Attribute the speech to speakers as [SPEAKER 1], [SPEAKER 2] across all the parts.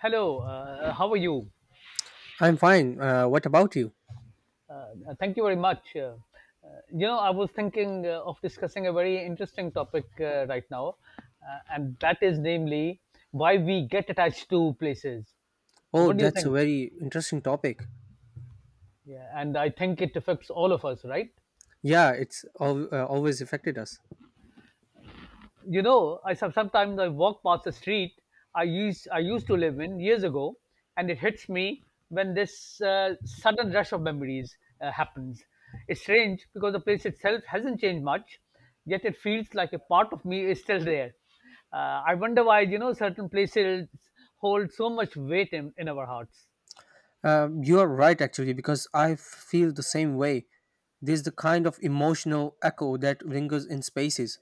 [SPEAKER 1] Hello, how are you?
[SPEAKER 2] I'm fine. What about you?
[SPEAKER 1] Thank you very much. I was thinking of discussing a very interesting topic right now, and that is namely why we get attached to places.
[SPEAKER 2] Oh,
[SPEAKER 1] What do you
[SPEAKER 2] that's a
[SPEAKER 1] think?
[SPEAKER 2] very interesting topic.
[SPEAKER 1] Yeah, and I think it affects all of us, right?
[SPEAKER 2] Yeah, it's always affected us.
[SPEAKER 1] Sometimes I walk past the street I used to live in years ago, and it hits me when this sudden rush of memories happens. It's strange because the place itself hasn't changed much, yet it feels like a part of me is still there. I wonder why certain places hold so much weight in our hearts.
[SPEAKER 2] You are right, actually, because I feel the same way. There's the kind of emotional echo that lingers in spaces,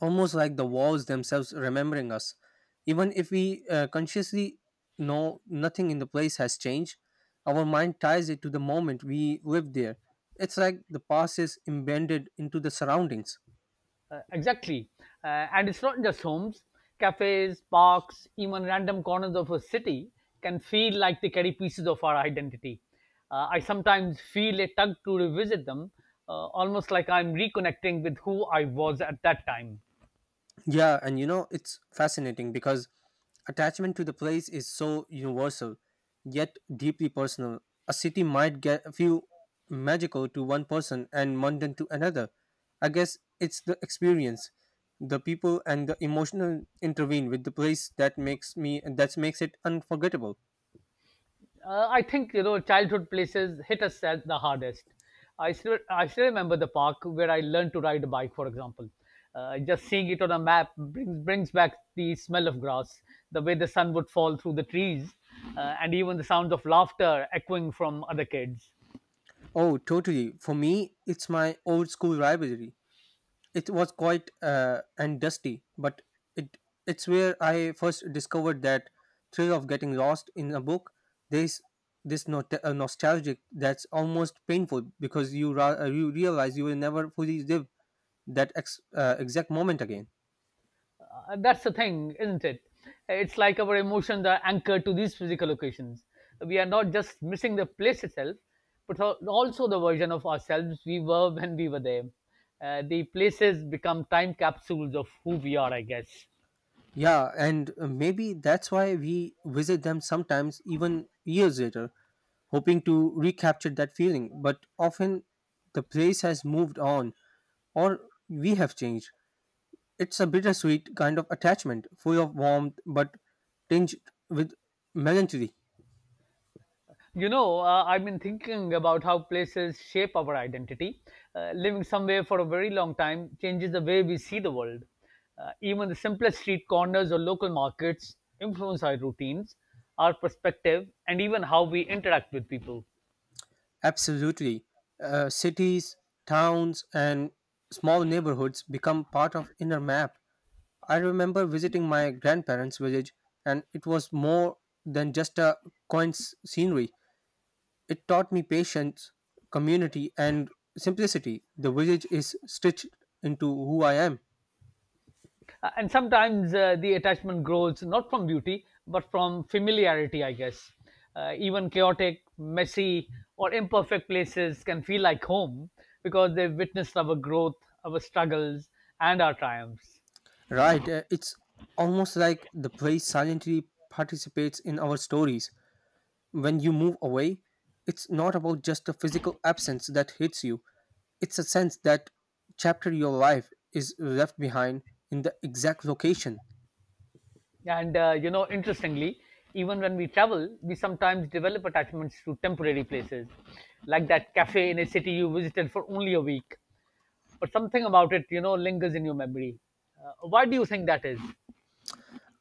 [SPEAKER 2] almost like the walls themselves remembering us. Even if we consciously know nothing in the place has changed, our mind ties it to the moment we lived there. It's like the past is embedded into the surroundings.
[SPEAKER 1] Exactly. And it's not just homes, cafes, parks, even random corners of a city can feel like they carry pieces of our identity. I sometimes feel a tug to revisit them, almost like I'm reconnecting with who I was at that time.
[SPEAKER 2] Yeah, and you know, it's fascinating because attachment to the place is so universal, yet deeply personal. A city might get feel magical to one person and mundane to another. I guess it's the experience, the people, and the emotional intervene with the place that makes me that makes it unforgettable.
[SPEAKER 1] I think childhood places hit us as the hardest. I still remember the park where I learned to ride a bike, for example. Just seeing it on a map brings back the smell of grass, the way the sun would fall through the trees, and even the sounds of laughter echoing from other kids.
[SPEAKER 2] Oh, totally. For me, it's my old school rivalry. It was quite and dusty, but it it's where I first discovered that thrill of getting lost in a book. There's this nostalgic that's almost painful because you realize you will never fully live that exact moment again.
[SPEAKER 1] That's the thing, isn't it? It's like our emotions are anchored to these physical locations. We are not just missing the place itself, but also the version of ourselves we were when we were there. The places become time capsules of who we are, I guess.
[SPEAKER 2] Yeah, and maybe that's why we visit them sometimes, even years later, hoping to recapture that feeling. But often the place has moved on, or we have changed. It's a bittersweet kind of attachment, full of warmth but tinged with melancholy.
[SPEAKER 1] You know, I've been thinking about how places shape our identity. Living somewhere for a very long time changes the way we see the world. Even the simplest street corners or local markets influence our routines, our perspective, and even how we interact with people.
[SPEAKER 2] Absolutely. Cities, towns, and small neighborhoods become part of inner map. I remember visiting my grandparents' village, and it was more than just a scenery. It taught me patience, community, and simplicity. The village is stitched into who I am.
[SPEAKER 1] And sometimes the attachment grows not from beauty but from familiarity, I guess. Even chaotic, messy, or imperfect places can feel like home because they've witnessed our growth, our struggles, and our triumphs.
[SPEAKER 2] Right, it's almost like the place silently participates in our stories. When you move away, it's not about just a physical absence that hits you, it's a sense that chapter your life is left behind in the exact location.
[SPEAKER 1] And interestingly, even when we travel, we sometimes develop attachments to temporary places, like that cafe in a city you visited for only a week, but something about it lingers in your memory. Why do you think that is?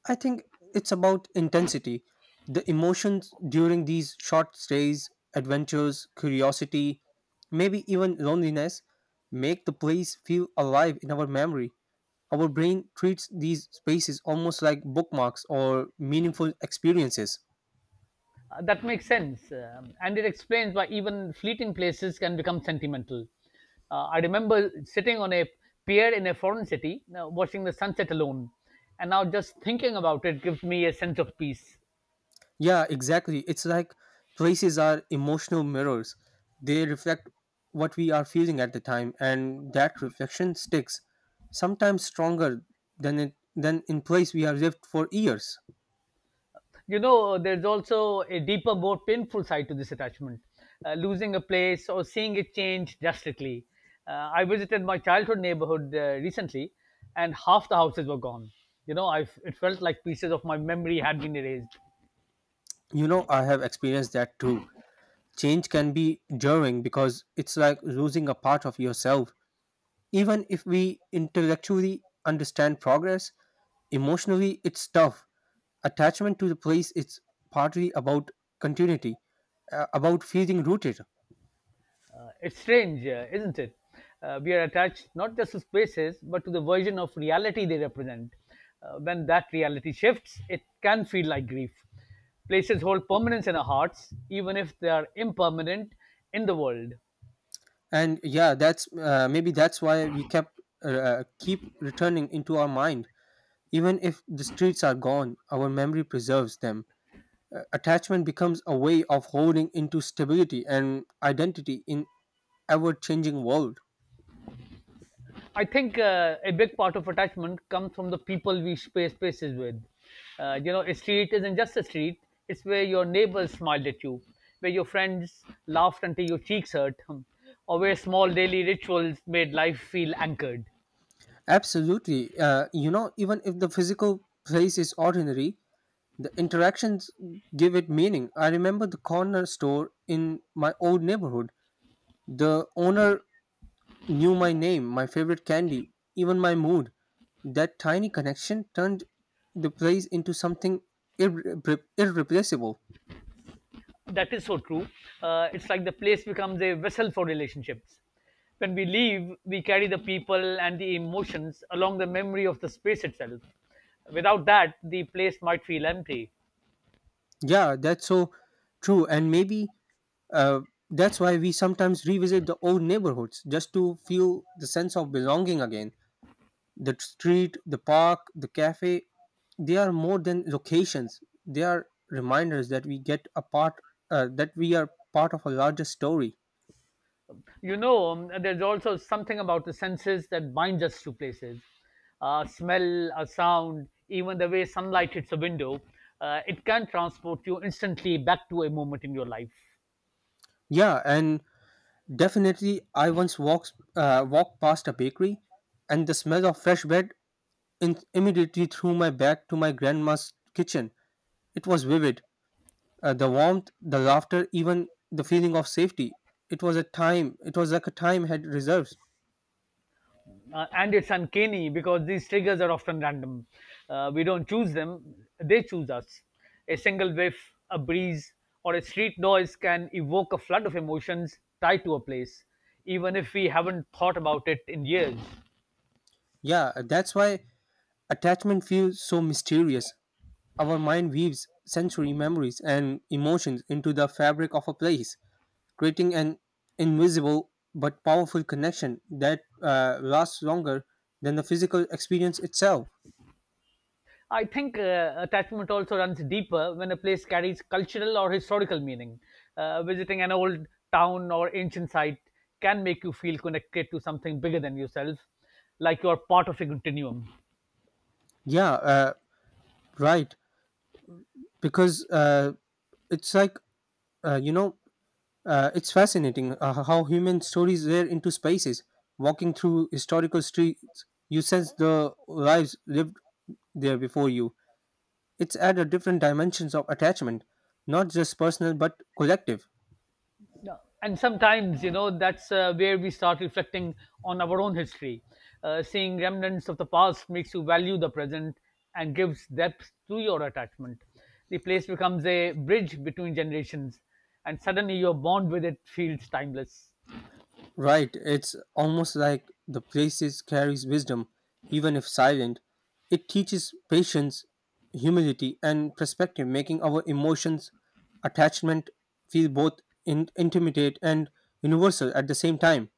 [SPEAKER 2] I think it's about intensity. The emotions during these short stays, adventures, curiosity, maybe even loneliness, make the place feel alive in our memory. Our brain treats these spaces almost like bookmarks or meaningful experiences.
[SPEAKER 1] That makes sense. And it explains why even fleeting places can become sentimental. I remember sitting on a pier in a foreign city, watching the sunset alone. And now just thinking about it gives me a sense of peace.
[SPEAKER 2] Yeah, exactly. It's like places are emotional mirrors. They reflect what we are feeling at the time, and that reflection sticks, sometimes stronger than in place we have lived for years.
[SPEAKER 1] You know, there's also a deeper, more painful side to this attachment, losing a place or seeing it change drastically. I visited my childhood neighborhood recently, and half the houses were gone. I it felt like pieces of my memory had been erased.
[SPEAKER 2] You know, I have experienced that too. Change can be jarring because it's like losing a part of yourself. Even if we intellectually understand progress, emotionally it's tough attachment to the place it's partly about continuity, about feeling rooted.
[SPEAKER 1] It's strange, isn't it? We are attached not just to spaces, but to the version of reality they represent. When that reality shifts, it can feel like grief. Places hold permanence in our hearts, even if they are impermanent in the world.
[SPEAKER 2] And yeah, that's maybe that's why we kept keep returning into our mind even if the streets are gone our memory preserves them. Attachment becomes a way of holding into stability and identity in ever changing world.
[SPEAKER 1] I think a big part of attachment comes from the people we share spaces with. You know, a street isn't just a street, it's where your neighbors smiled at you, where your friends laughed until your cheeks hurt, or where small daily rituals made life feel anchored.
[SPEAKER 2] Absolutely. You know, even if the physical place is ordinary, the interactions give it meaning. I remember the corner store in my old neighborhood. The owner knew my name, my favorite candy, even my mood. That tiny connection turned the place into something irreplaceable.
[SPEAKER 1] That is so true. It's like the place becomes a vessel for relationships. When we leave, we carry the people and the emotions along the memory of the space itself. Without that, the place might feel empty.
[SPEAKER 2] Yeah, that's so true. And maybe uh, that's why we sometimes revisit the old neighborhoods just to feel the sense of belonging again. The street, the park, the cafe, they are more than locations. They are reminders that we get a part, that we are part of a larger story.
[SPEAKER 1] You know, there's also something about the senses that binds us to places. A smell, a sound, even the way sunlight hits a window, it can transport you instantly back to a moment in your life.
[SPEAKER 2] Yeah, and definitely, I once walked past a bakery, and the smell of fresh bread immediately threw my back to my grandma's kitchen. It was vivid. The warmth, the laughter, even the feeling of safety. It was like a time had reserves.
[SPEAKER 1] And it's uncanny because these triggers are often random. We don't choose them, they choose us. A single whiff, a breeze, or a street noise can evoke a flood of emotions tied to a place, even if we haven't thought about it in years.
[SPEAKER 2] Yeah, that's why attachment feels so mysterious. Our mind weaves sensory memories and emotions into the fabric of a place, creating an invisible but powerful connection that lasts longer than the physical experience itself.
[SPEAKER 1] I think attachment also runs deeper when a place carries cultural or historical meaning. Visiting an old town or ancient site can make you feel connected to something bigger than yourself, like you're part of a continuum.
[SPEAKER 2] Yeah, right. Because uh, it's like, you know, it's fascinating how human stories wear into spaces. Walking through historical streets, you sense the lives lived there before you. It's added different dimensions of attachment, not just personal but collective.
[SPEAKER 1] Yeah. And sometimes, you know, that's where we start reflecting on our own history. Seeing remnants of the past makes you value the present and gives depth to your attachment. The place becomes a bridge between generations, and suddenly your bond with it feels timeless.
[SPEAKER 2] Right, it's almost like the places carries wisdom, even if silent. It teaches patience, humility, and perspective, making our emotions, attachment feel both intimate and universal at the same time.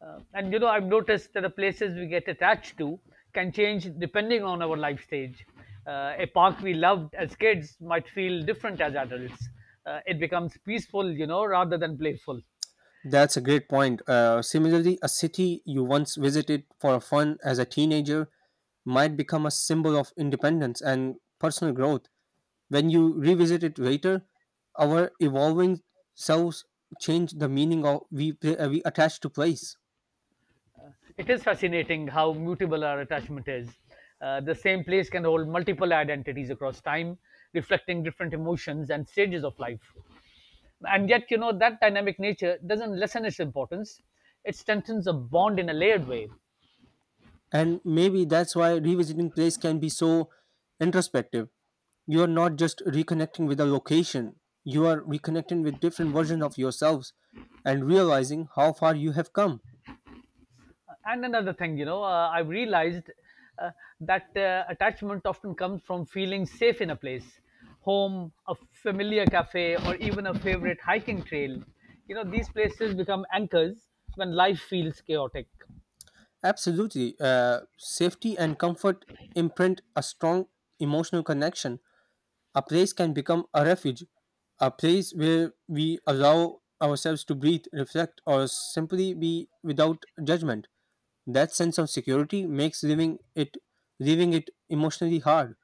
[SPEAKER 1] And you know, I've noticed that the places we get attached to can change depending on our life stage. A park we loved as kids might feel different as adults. It becomes peaceful, you know, rather than playful.
[SPEAKER 2] That's a great point. Similarly, a city you once visited for fun as a teenager might become a symbol of independence and personal growth. When you revisit it later, our evolving selves change the meaning of we attach to place.
[SPEAKER 1] It is fascinating how mutable our attachment is. The same place can hold multiple identities across time, reflecting different emotions and stages of life. And yet, you know, that dynamic nature doesn't lessen its importance. It strengthens a bond in a layered way.
[SPEAKER 2] And maybe that's why revisiting place can be so introspective. You are not just reconnecting with a location, you are reconnecting with different versions of yourselves and realizing how far you have come.
[SPEAKER 1] And another thing, you know, I've realized uh, that attachment often comes from feeling safe in a place. Home, a familiar cafe, or even a favorite hiking trail, you know, these places become anchors when life feels chaotic.
[SPEAKER 2] Absolutely. Safety and comfort imprint a strong emotional connection. A place can become a refuge, a place where we allow ourselves to breathe, reflect, or simply be without judgment. That sense of security makes living it leaving it emotionally hard.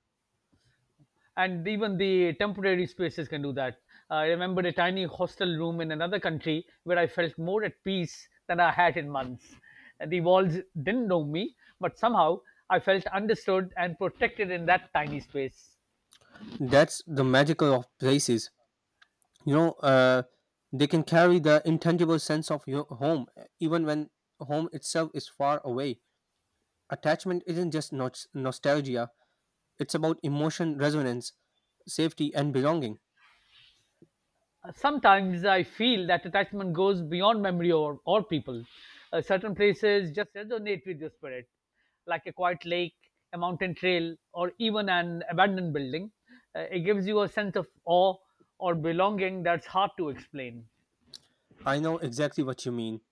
[SPEAKER 1] And even the temporary spaces can do that. I remember a tiny hostel room in another country where I felt more at peace than I had in months. And the walls didn't know me, but somehow I felt understood and protected in that tiny space.
[SPEAKER 2] That's the magical of places. You know, they can carry the intangible sense of your home, even when home itself is far away. Attachment isn't just nostalgia; it's about emotion resonance, safety, and belonging.
[SPEAKER 1] Sometimes I feel that attachment goes beyond memory or people. Certain places just resonate with your spirit, like a quiet lake, a mountain trail, or even an abandoned building. It gives you a sense of awe or belonging that's hard to explain.
[SPEAKER 2] I know exactly what you mean.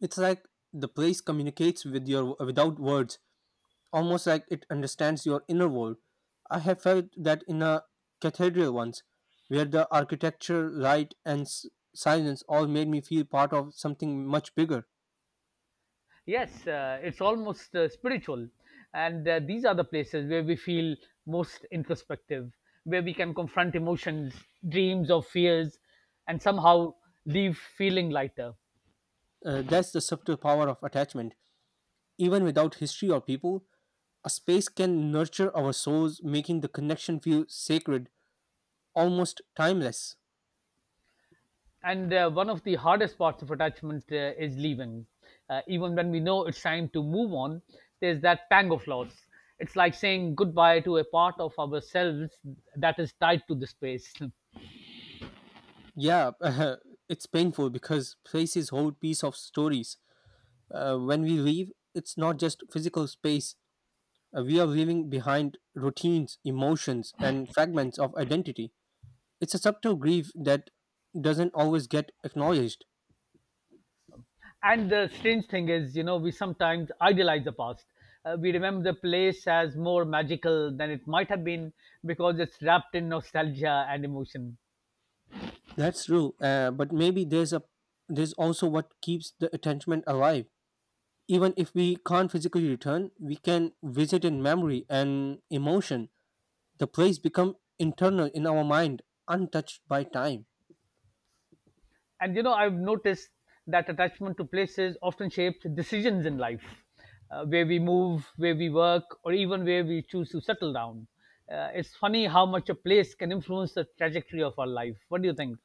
[SPEAKER 2] It's like the place communicates with your without words, almost like it understands your inner world. I have felt that in a cathedral once, where the architecture, light, and silence all made me feel part of something much bigger.
[SPEAKER 1] Yes, it's almost spiritual. And these are the places where we feel most introspective, where we can confront emotions, dreams, or fears, and somehow leave feeling lighter.
[SPEAKER 2] That's the subtle power of attachment. Even without history or people, a space can nurture our souls, making the connection feel sacred, almost timeless.
[SPEAKER 1] And one of the hardest parts of attachment is leaving. Even when we know it's time to move on, there's that pang of loss. It's like saying goodbye to a part of ourselves that is tied to the space.
[SPEAKER 2] Yeah, it's painful because places hold piece of stories. When we leave, it's not just physical space. We are leaving behind routines, emotions, and fragments of identity. It's a subtle grief that doesn't always get acknowledged.
[SPEAKER 1] And the strange thing is, you know, we sometimes idealize the past. We remember the place as more magical than it might have been because it's wrapped in nostalgia and emotion.
[SPEAKER 2] That's true, but maybe there's also what keeps the attachment alive. Even if we can't physically return, we can visit in memory and emotion. The place become internal in our mind, untouched by time.
[SPEAKER 1] And you know, I've noticed that attachment to places often shapes decisions in life, where we move, where we work, or even where we choose to settle down. It's funny how much a place can influence the trajectory of our life. What do you think?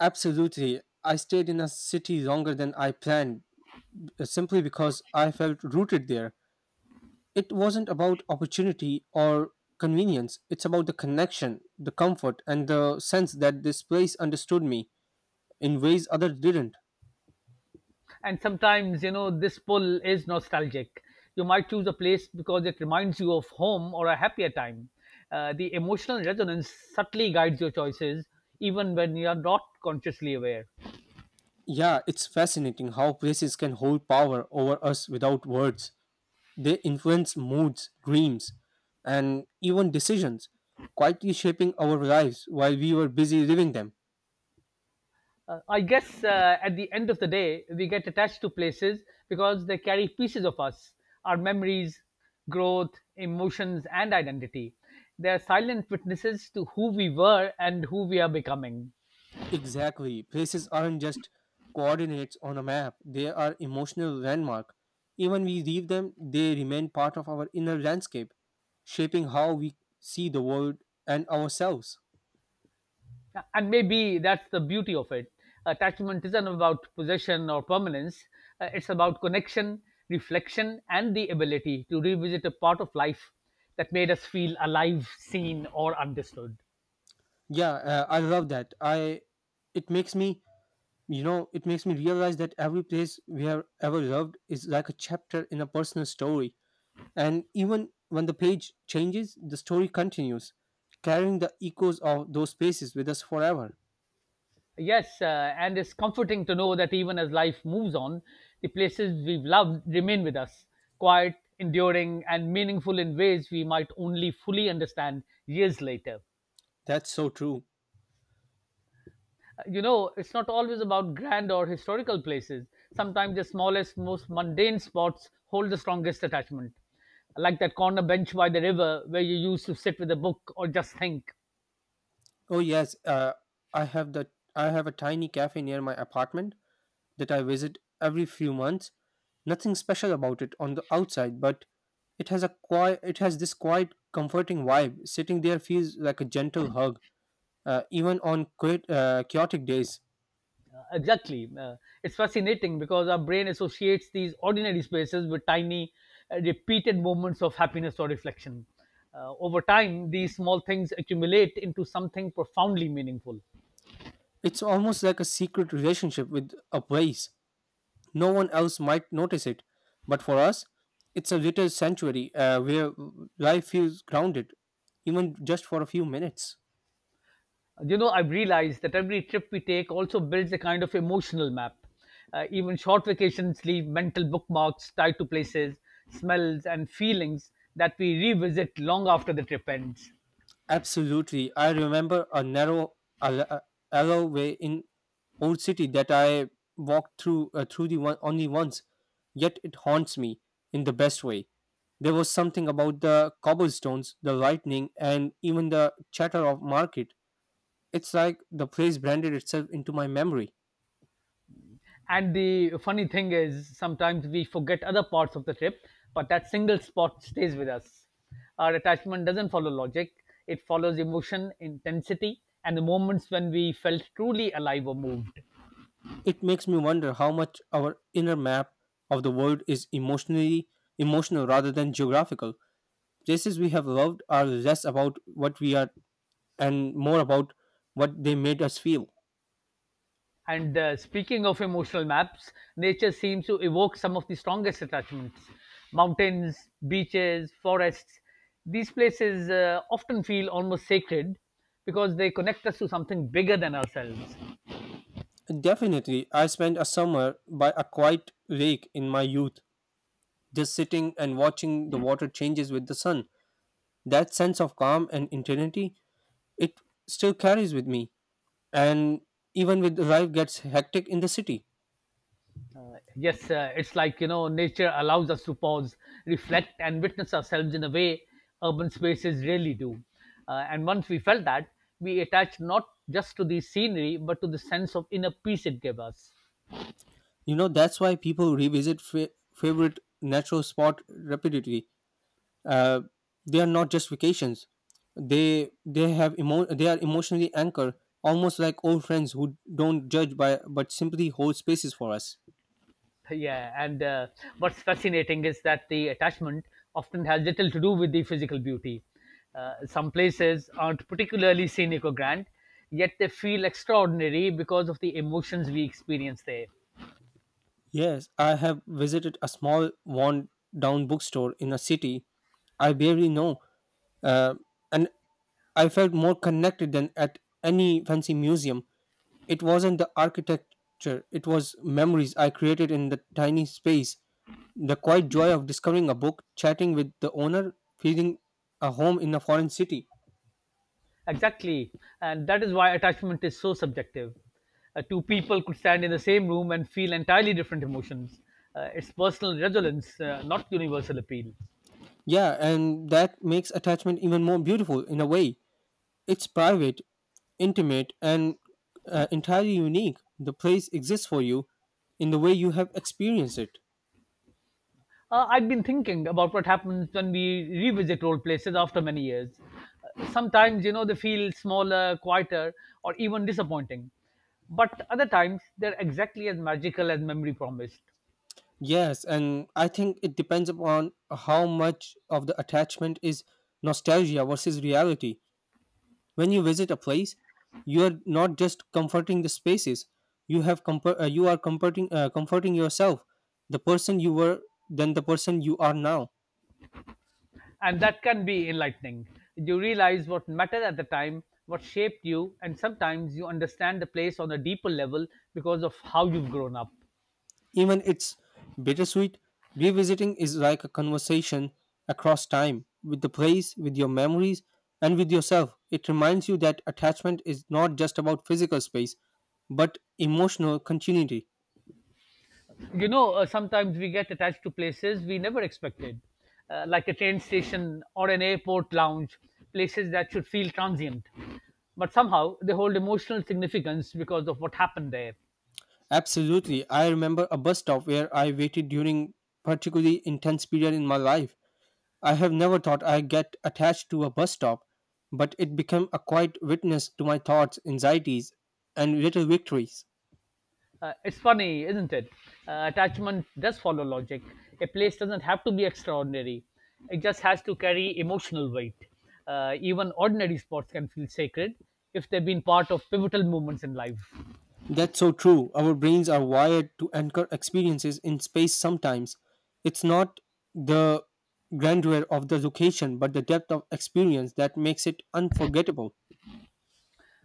[SPEAKER 2] Absolutely. I stayed in a city longer than I planned, simply because I felt rooted there. It wasn't about opportunity or convenience, it's about the connection, the comfort, and the sense that this place understood me in ways others didn't.
[SPEAKER 1] And sometimes, you know, this pull is nostalgic. You might choose a place because it reminds you of home or a happier time. The emotional resonance subtly guides your choices, even when you are not consciously aware.
[SPEAKER 2] Yeah, it's fascinating how places can hold power over us without words. They influence moods, dreams, and even decisions, quietly shaping our lives while we were busy living them.
[SPEAKER 1] I guess at the end of the day, we get attached to places because they carry pieces of us, our memories, growth, emotions, and identity. They are silent witnesses to who we were and who we are becoming.
[SPEAKER 2] Exactly. Places aren't just coordinates on a map, they are emotional landmark. Even we leave them, they remain part of our inner landscape, shaping how we see the world and ourselves.
[SPEAKER 1] And maybe that's the beauty of it. Attachment isn't about possession or permanence. It's about connection, reflection, and the ability to revisit a part of life that made us feel alive, seen, or understood.
[SPEAKER 2] Yeah, I love that. I It makes me, you know, it makes me realize that every place we have ever loved is like a chapter in a personal story. And even when the page changes, the story continues, carrying the echoes of those spaces with us forever.
[SPEAKER 1] Yes, and it's comforting to know that even as life moves on, the places we've loved remain with us, quiet, enduring, and meaningful in ways we might only fully understand years later.
[SPEAKER 2] That's so true.
[SPEAKER 1] You know, it's not always about grand or historical places. Sometimes the smallest, most mundane spots hold the strongest attachment, like that corner bench by the river where you used to sit with a book or just think.
[SPEAKER 2] Oh yes, I have the I have a tiny cafe near my apartment that I visit every few months. Nothing special about it on the outside, but it has this quiet comforting vibe. Sitting there feels like a gentle hug, even on quite, chaotic days.
[SPEAKER 1] Exactly. It's fascinating because our brain associates these ordinary spaces with tiny, repeated moments of happiness or reflection. Over time, these small things accumulate into something profoundly meaningful.
[SPEAKER 2] It's almost like a secret relationship with a place. No one else might notice it, but for us, it's a little sanctuary where life feels grounded, even just for a few minutes.
[SPEAKER 1] You know, I've realized that every trip we take also builds a kind of emotional map. Even short vacations leave mental bookmarks tied to places, smells, and feelings that we revisit long after the trip ends.
[SPEAKER 2] Absolutely. I remember a narrow al- uh, alleyway in Old City that I walked through through the one only once, yet it haunts me in the best way. There was something about the cobblestones, the lightning, and even the chatter of market. It's like the place branded itself into my memory.
[SPEAKER 1] And the funny thing is, sometimes we forget other parts of the trip, but that single spot stays with us. Our attachment doesn't follow logic, it follows emotion, intensity, and the moments when we felt truly alive or moved.
[SPEAKER 2] It makes me wonder how much our inner map of the world is emotional rather than geographical. Places we have loved are less about what we are and more about what they made us feel.
[SPEAKER 1] And speaking of emotional maps, nature seems to evoke some of the strongest attachments. Mountains, beaches, forests, these places often feel almost sacred because they connect us to something bigger than ourselves.
[SPEAKER 2] Definitely, I spent a summer by a quiet lake in my youth, just sitting and watching the water changes with the sun. That sense of calm and intensity, it still carries with me. And even with life gets hectic in the city.
[SPEAKER 1] Yes, it's like, you know, nature allows us to pause, reflect, and witness ourselves in a way urban spaces really do. And once we felt that, we attached not just to the scenery, but to the sense of inner peace it gave us.
[SPEAKER 2] You know, that's why people revisit favorite natural spot repeatedly, uh, they are not just vacations, they have they are emotionally anchored, almost like old friends who don't judge by but simply hold spaces for us.
[SPEAKER 1] Yeah, and what's fascinating is that the attachment often has little to do with the physical beauty. Some places aren't particularly scenic or grand, yet they feel extraordinary because of the emotions we experience there.
[SPEAKER 2] Yes, I have visited a small worn down bookstore in a city I barely know, uh, and I felt more connected than at any fancy museum. It wasn't the architecture, it was memories I created in the tiny space. The quiet joy of discovering a book, chatting with the owner, feeling a home in a foreign city.
[SPEAKER 1] Exactly. And that is why attachment is so subjective. Two people could stand in the same room and feel entirely different emotions. It's personal resonance, not universal appeal.
[SPEAKER 2] Yeah, and that makes attachment even more beautiful in a way. It's private, intimate, and entirely unique. The place exists for you in the way you have experienced it.
[SPEAKER 1] I've been thinking about what happens when we revisit role places after many years. Sometimes, you know, they feel smaller, quieter, or even disappointing. But other times, they're exactly as magical as memory promised.
[SPEAKER 2] Yes, and I think it depends upon how much of the attachment is nostalgia versus reality. When you visit a place, you are not just comforting the spaces. You have comfort, you are comforting comforting yourself, the person you were then the person you are now.
[SPEAKER 1] And that can be enlightening. You realize what mattered at the time, what shaped you, and sometimes you understand the place on a deeper level because of how you've grown up.
[SPEAKER 2] Even it's bittersweet. Revisiting is like a conversation across time with the place, with your memories, and with yourself. It reminds you that attachment is not just about physical space, but emotional continuity.
[SPEAKER 1] You know, sometimes we get attached to places we never expected, like a train station or an airport lounge, places that should feel transient. But somehow they hold emotional significance because of what happened there.
[SPEAKER 2] Absolutely. I remember a bus stop where I waited during particularly intense period in my life. I have never thought I'd get attached to a bus stop, but it became a quiet witness to my thoughts, anxieties, and little victories.
[SPEAKER 1] It's funny, isn't it? Attachment does follow logic. A place doesn't have to be extraordinary, it just has to carry emotional weight. Even ordinary spots can feel sacred if they've been part of pivotal moments in life.
[SPEAKER 2] That's so true. Our brains are wired to anchor experiences in space sometimes. It's not the grandeur of the location, but the depth of experience that makes it unforgettable.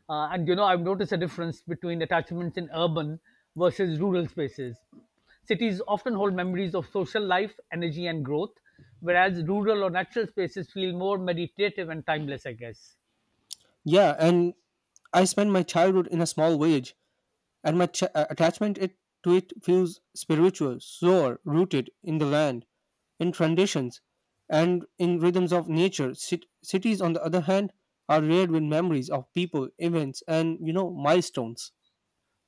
[SPEAKER 1] And you know, I've noticed a difference between attachments in urban versus rural spaces. Cities often hold memories of social life, energy, and growth, whereas rural or natural spaces feel more meditative and timeless, I guess.
[SPEAKER 2] Yeah, and I spent my childhood in a small village and my attachment to it feels spiritual, sore, rooted in the land, in traditions, and in rhythms of nature. Cities, on the other hand, are layered with memories of people, events, and you know milestones.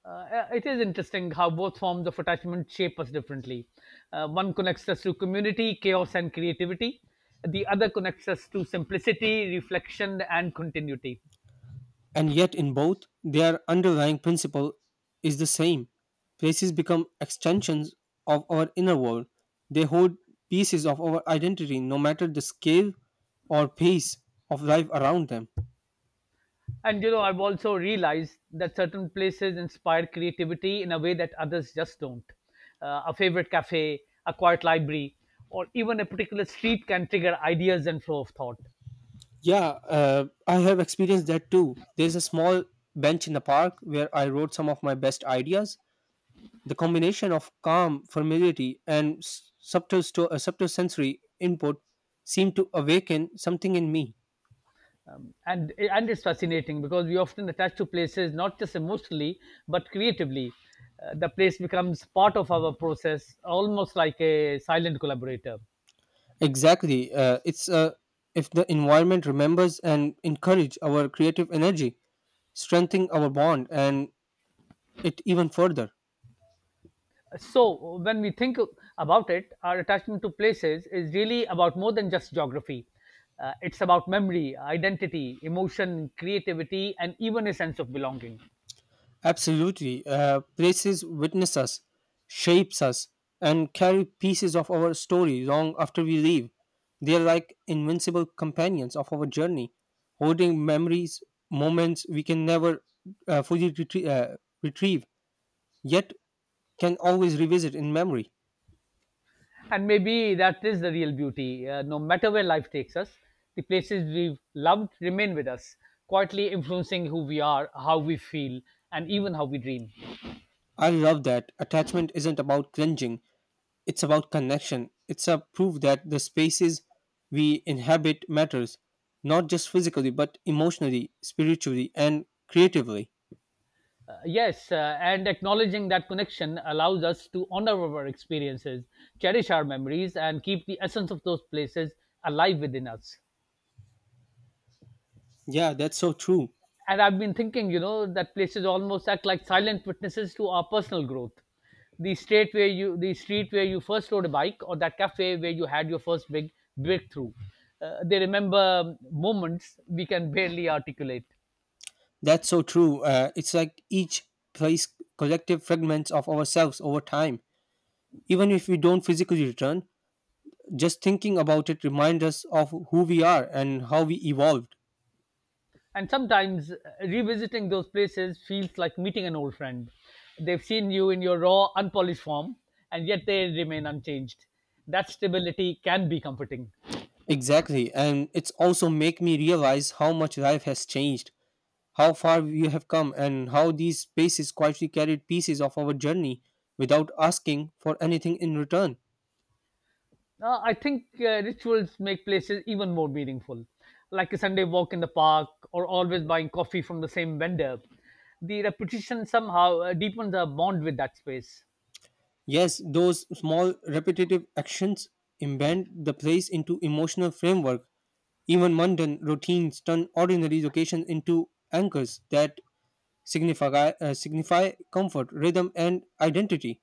[SPEAKER 1] It is interesting how both forms of attachment shape us differently. One connects us to community, chaos, and creativity. The other connects us to simplicity, reflection, and continuity.
[SPEAKER 2] And yet, in both, their underlying principle is the same. Places become extensions of our inner world. They hold pieces of our identity, no matter the scale or pace of life around them.
[SPEAKER 1] And you know, I've also realized that certain places inspire creativity in a way that others just don't. A favorite cafe, a quiet library, or even a particular street can trigger ideas and flow of thought.
[SPEAKER 2] Yeah, I have experienced that too. There's a small bench in the park where I wrote some of my best ideas. The combination of calm, familiarity, and subtle, subtle sensory input seemed to awaken something in me.
[SPEAKER 1] And it's fascinating because we often attach to places not just emotionally but creatively. The place becomes part of our process, almost like a silent collaborator.
[SPEAKER 2] Exactly. It's if the environment remembers and encourage our creative energy, strengthening our bond, and it even further.
[SPEAKER 1] So when we think about it, our attachment to places is really about more than just geography. It's about memory, identity, emotion, creativity, and even a sense of belonging.
[SPEAKER 2] Absolutely. Places witness us, shapes us, and carry pieces of our story long after we leave. They are like invincible companions of our journey, holding memories, moments we can never fully retrieve, yet can always revisit in memory.
[SPEAKER 1] And maybe that is the real beauty. No matter where life takes us, the places we've loved remain with us, quietly influencing who we are, how we feel, and even how we dream.
[SPEAKER 2] I love that. Attachment isn't about cringing. It's about connection. It's a proof that the spaces we inhabit matters, not just physically, but emotionally, spiritually, and creatively.
[SPEAKER 1] Yes, and acknowledging that connection allows us to honor our experiences, cherish our memories, and keep the essence of those places alive within us.
[SPEAKER 2] Yeah, that's so true.
[SPEAKER 1] And I've been thinking, you know, that places almost act like silent witnesses to our personal growth. The street where you first rode a bike, or that cafe where you had your first big breakthrough, they remember moments we can barely articulate.
[SPEAKER 2] That's so true. It's like each place collective fragments of ourselves over time. Even if we don't physically return, just thinking about it reminds us of who we are and how we evolved.
[SPEAKER 1] And sometimes revisiting those places feels like meeting an old friend. They've seen you in your raw, unpolished form, and yet they remain unchanged. That stability can be comforting.
[SPEAKER 2] Exactly, and it's also make me realize how much life has changed, how far we have come and how these spaces quietly carried pieces of our journey without asking for anything in return.
[SPEAKER 1] I think rituals make places even more meaningful, like a Sunday walk in the park or always buying coffee from the same vendor. The repetition somehow deepens our bond with that space.
[SPEAKER 2] Yes, those small repetitive actions embed the place into emotional framework. Even mundane routines turn ordinary locations into anchors that signify comfort, rhythm, and identity.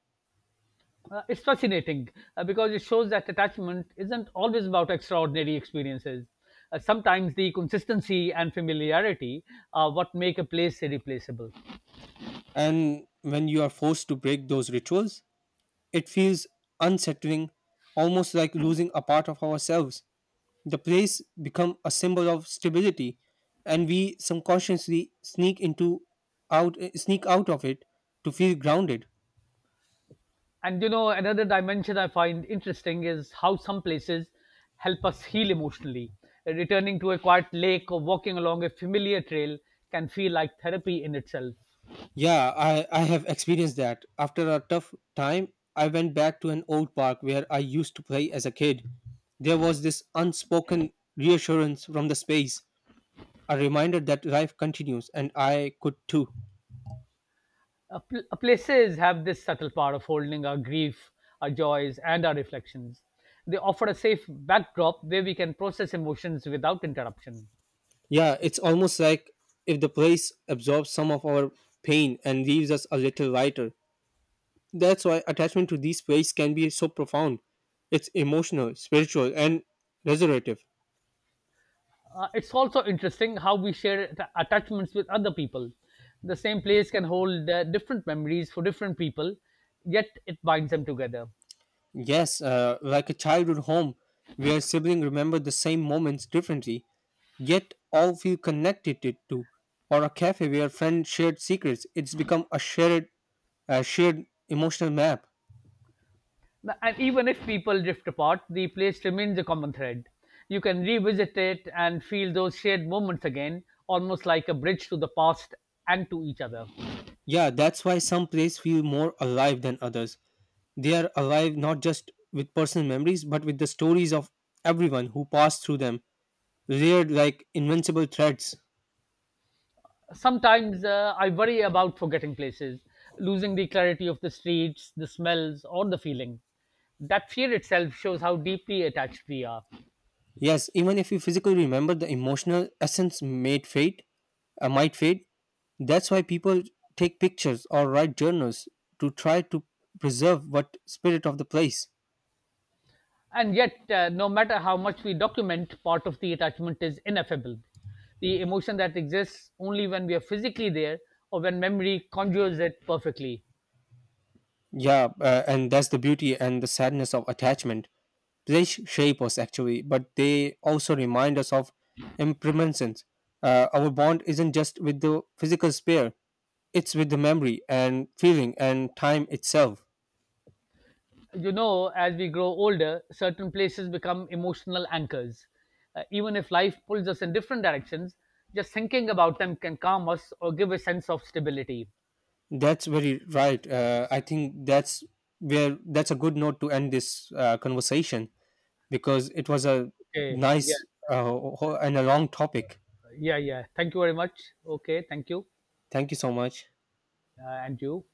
[SPEAKER 1] It's fascinating because it shows that attachment isn't always about extraordinary experiences. Sometimes the consistency and familiarity are what make a place irreplaceable.
[SPEAKER 2] And when you are forced to break those rituals, it feels unsettling, almost like losing a part of ourselves. The place become a symbol of stability, and we subconsciously sneak out of it to feel grounded.
[SPEAKER 1] And you know, another dimension I find interesting is how some places help us heal emotionally. Returning to a quiet lake or walking along a familiar trail can feel like therapy in itself.
[SPEAKER 2] Yeah, I have experienced that. After a tough time, I went back to an old park where I used to play as a kid. There was this unspoken reassurance from the space, a reminder that life continues and I could too.
[SPEAKER 1] Places have this subtle power of holding our grief, our joys, and our reflections. They offer a safe backdrop where we can process emotions without interruption.
[SPEAKER 2] Yeah, it's almost like if the place absorbs some of our pain and leaves us a little lighter. That's why attachment to these places can be so profound. It's emotional, spiritual, and resurrective.
[SPEAKER 1] It's also interesting how we share attachments with other people. The same place can hold different memories for different people, yet it binds them together.
[SPEAKER 2] Yes, like a childhood home where siblings remember the same moments differently, yet all feel connected to, or a cafe where friends shared secrets. It's become a shared emotional map.
[SPEAKER 1] And even if people drift apart, the place remains a common thread. You can revisit it and feel those shared moments again, almost like a bridge to the past and to each other.
[SPEAKER 2] Yeah, that's why some places feel more alive than others. They are alive not just with personal memories, but with the stories of everyone who passed through them reared like invincible threats.
[SPEAKER 1] Sometimes I worry about forgetting places, losing the clarity of the streets, the smells, or the feeling that fear itself shows how deeply attached we are.
[SPEAKER 2] Yes, even if we physically remember, the emotional essence might fade. That's why people take pictures or write journals to try to preserve what spirit of the place.
[SPEAKER 1] And yet, no matter how much we document, part of the attachment is ineffable. The emotion that exists only when we are physically there or when memory conjures it perfectly.
[SPEAKER 2] Yeah, and that's the beauty and the sadness of attachment. They shape us actually, but they also remind us of impermanence. Our bond isn't just with the physical sphere; it's with the memory and feeling and time itself.
[SPEAKER 1] You know, as we grow older, certain places become emotional anchors. Even if life pulls us in different directions, just thinking about them can calm us or give a sense of stability.
[SPEAKER 2] That's very right. I think that's where that's a good note to end this conversation because it was a
[SPEAKER 1] Okay. Yeah.
[SPEAKER 2] nice uh, ho- and a long topic.
[SPEAKER 1] Yeah. Yeah. Thank you very much. Okay. Thank you.
[SPEAKER 2] Thank you so much.
[SPEAKER 1] And you.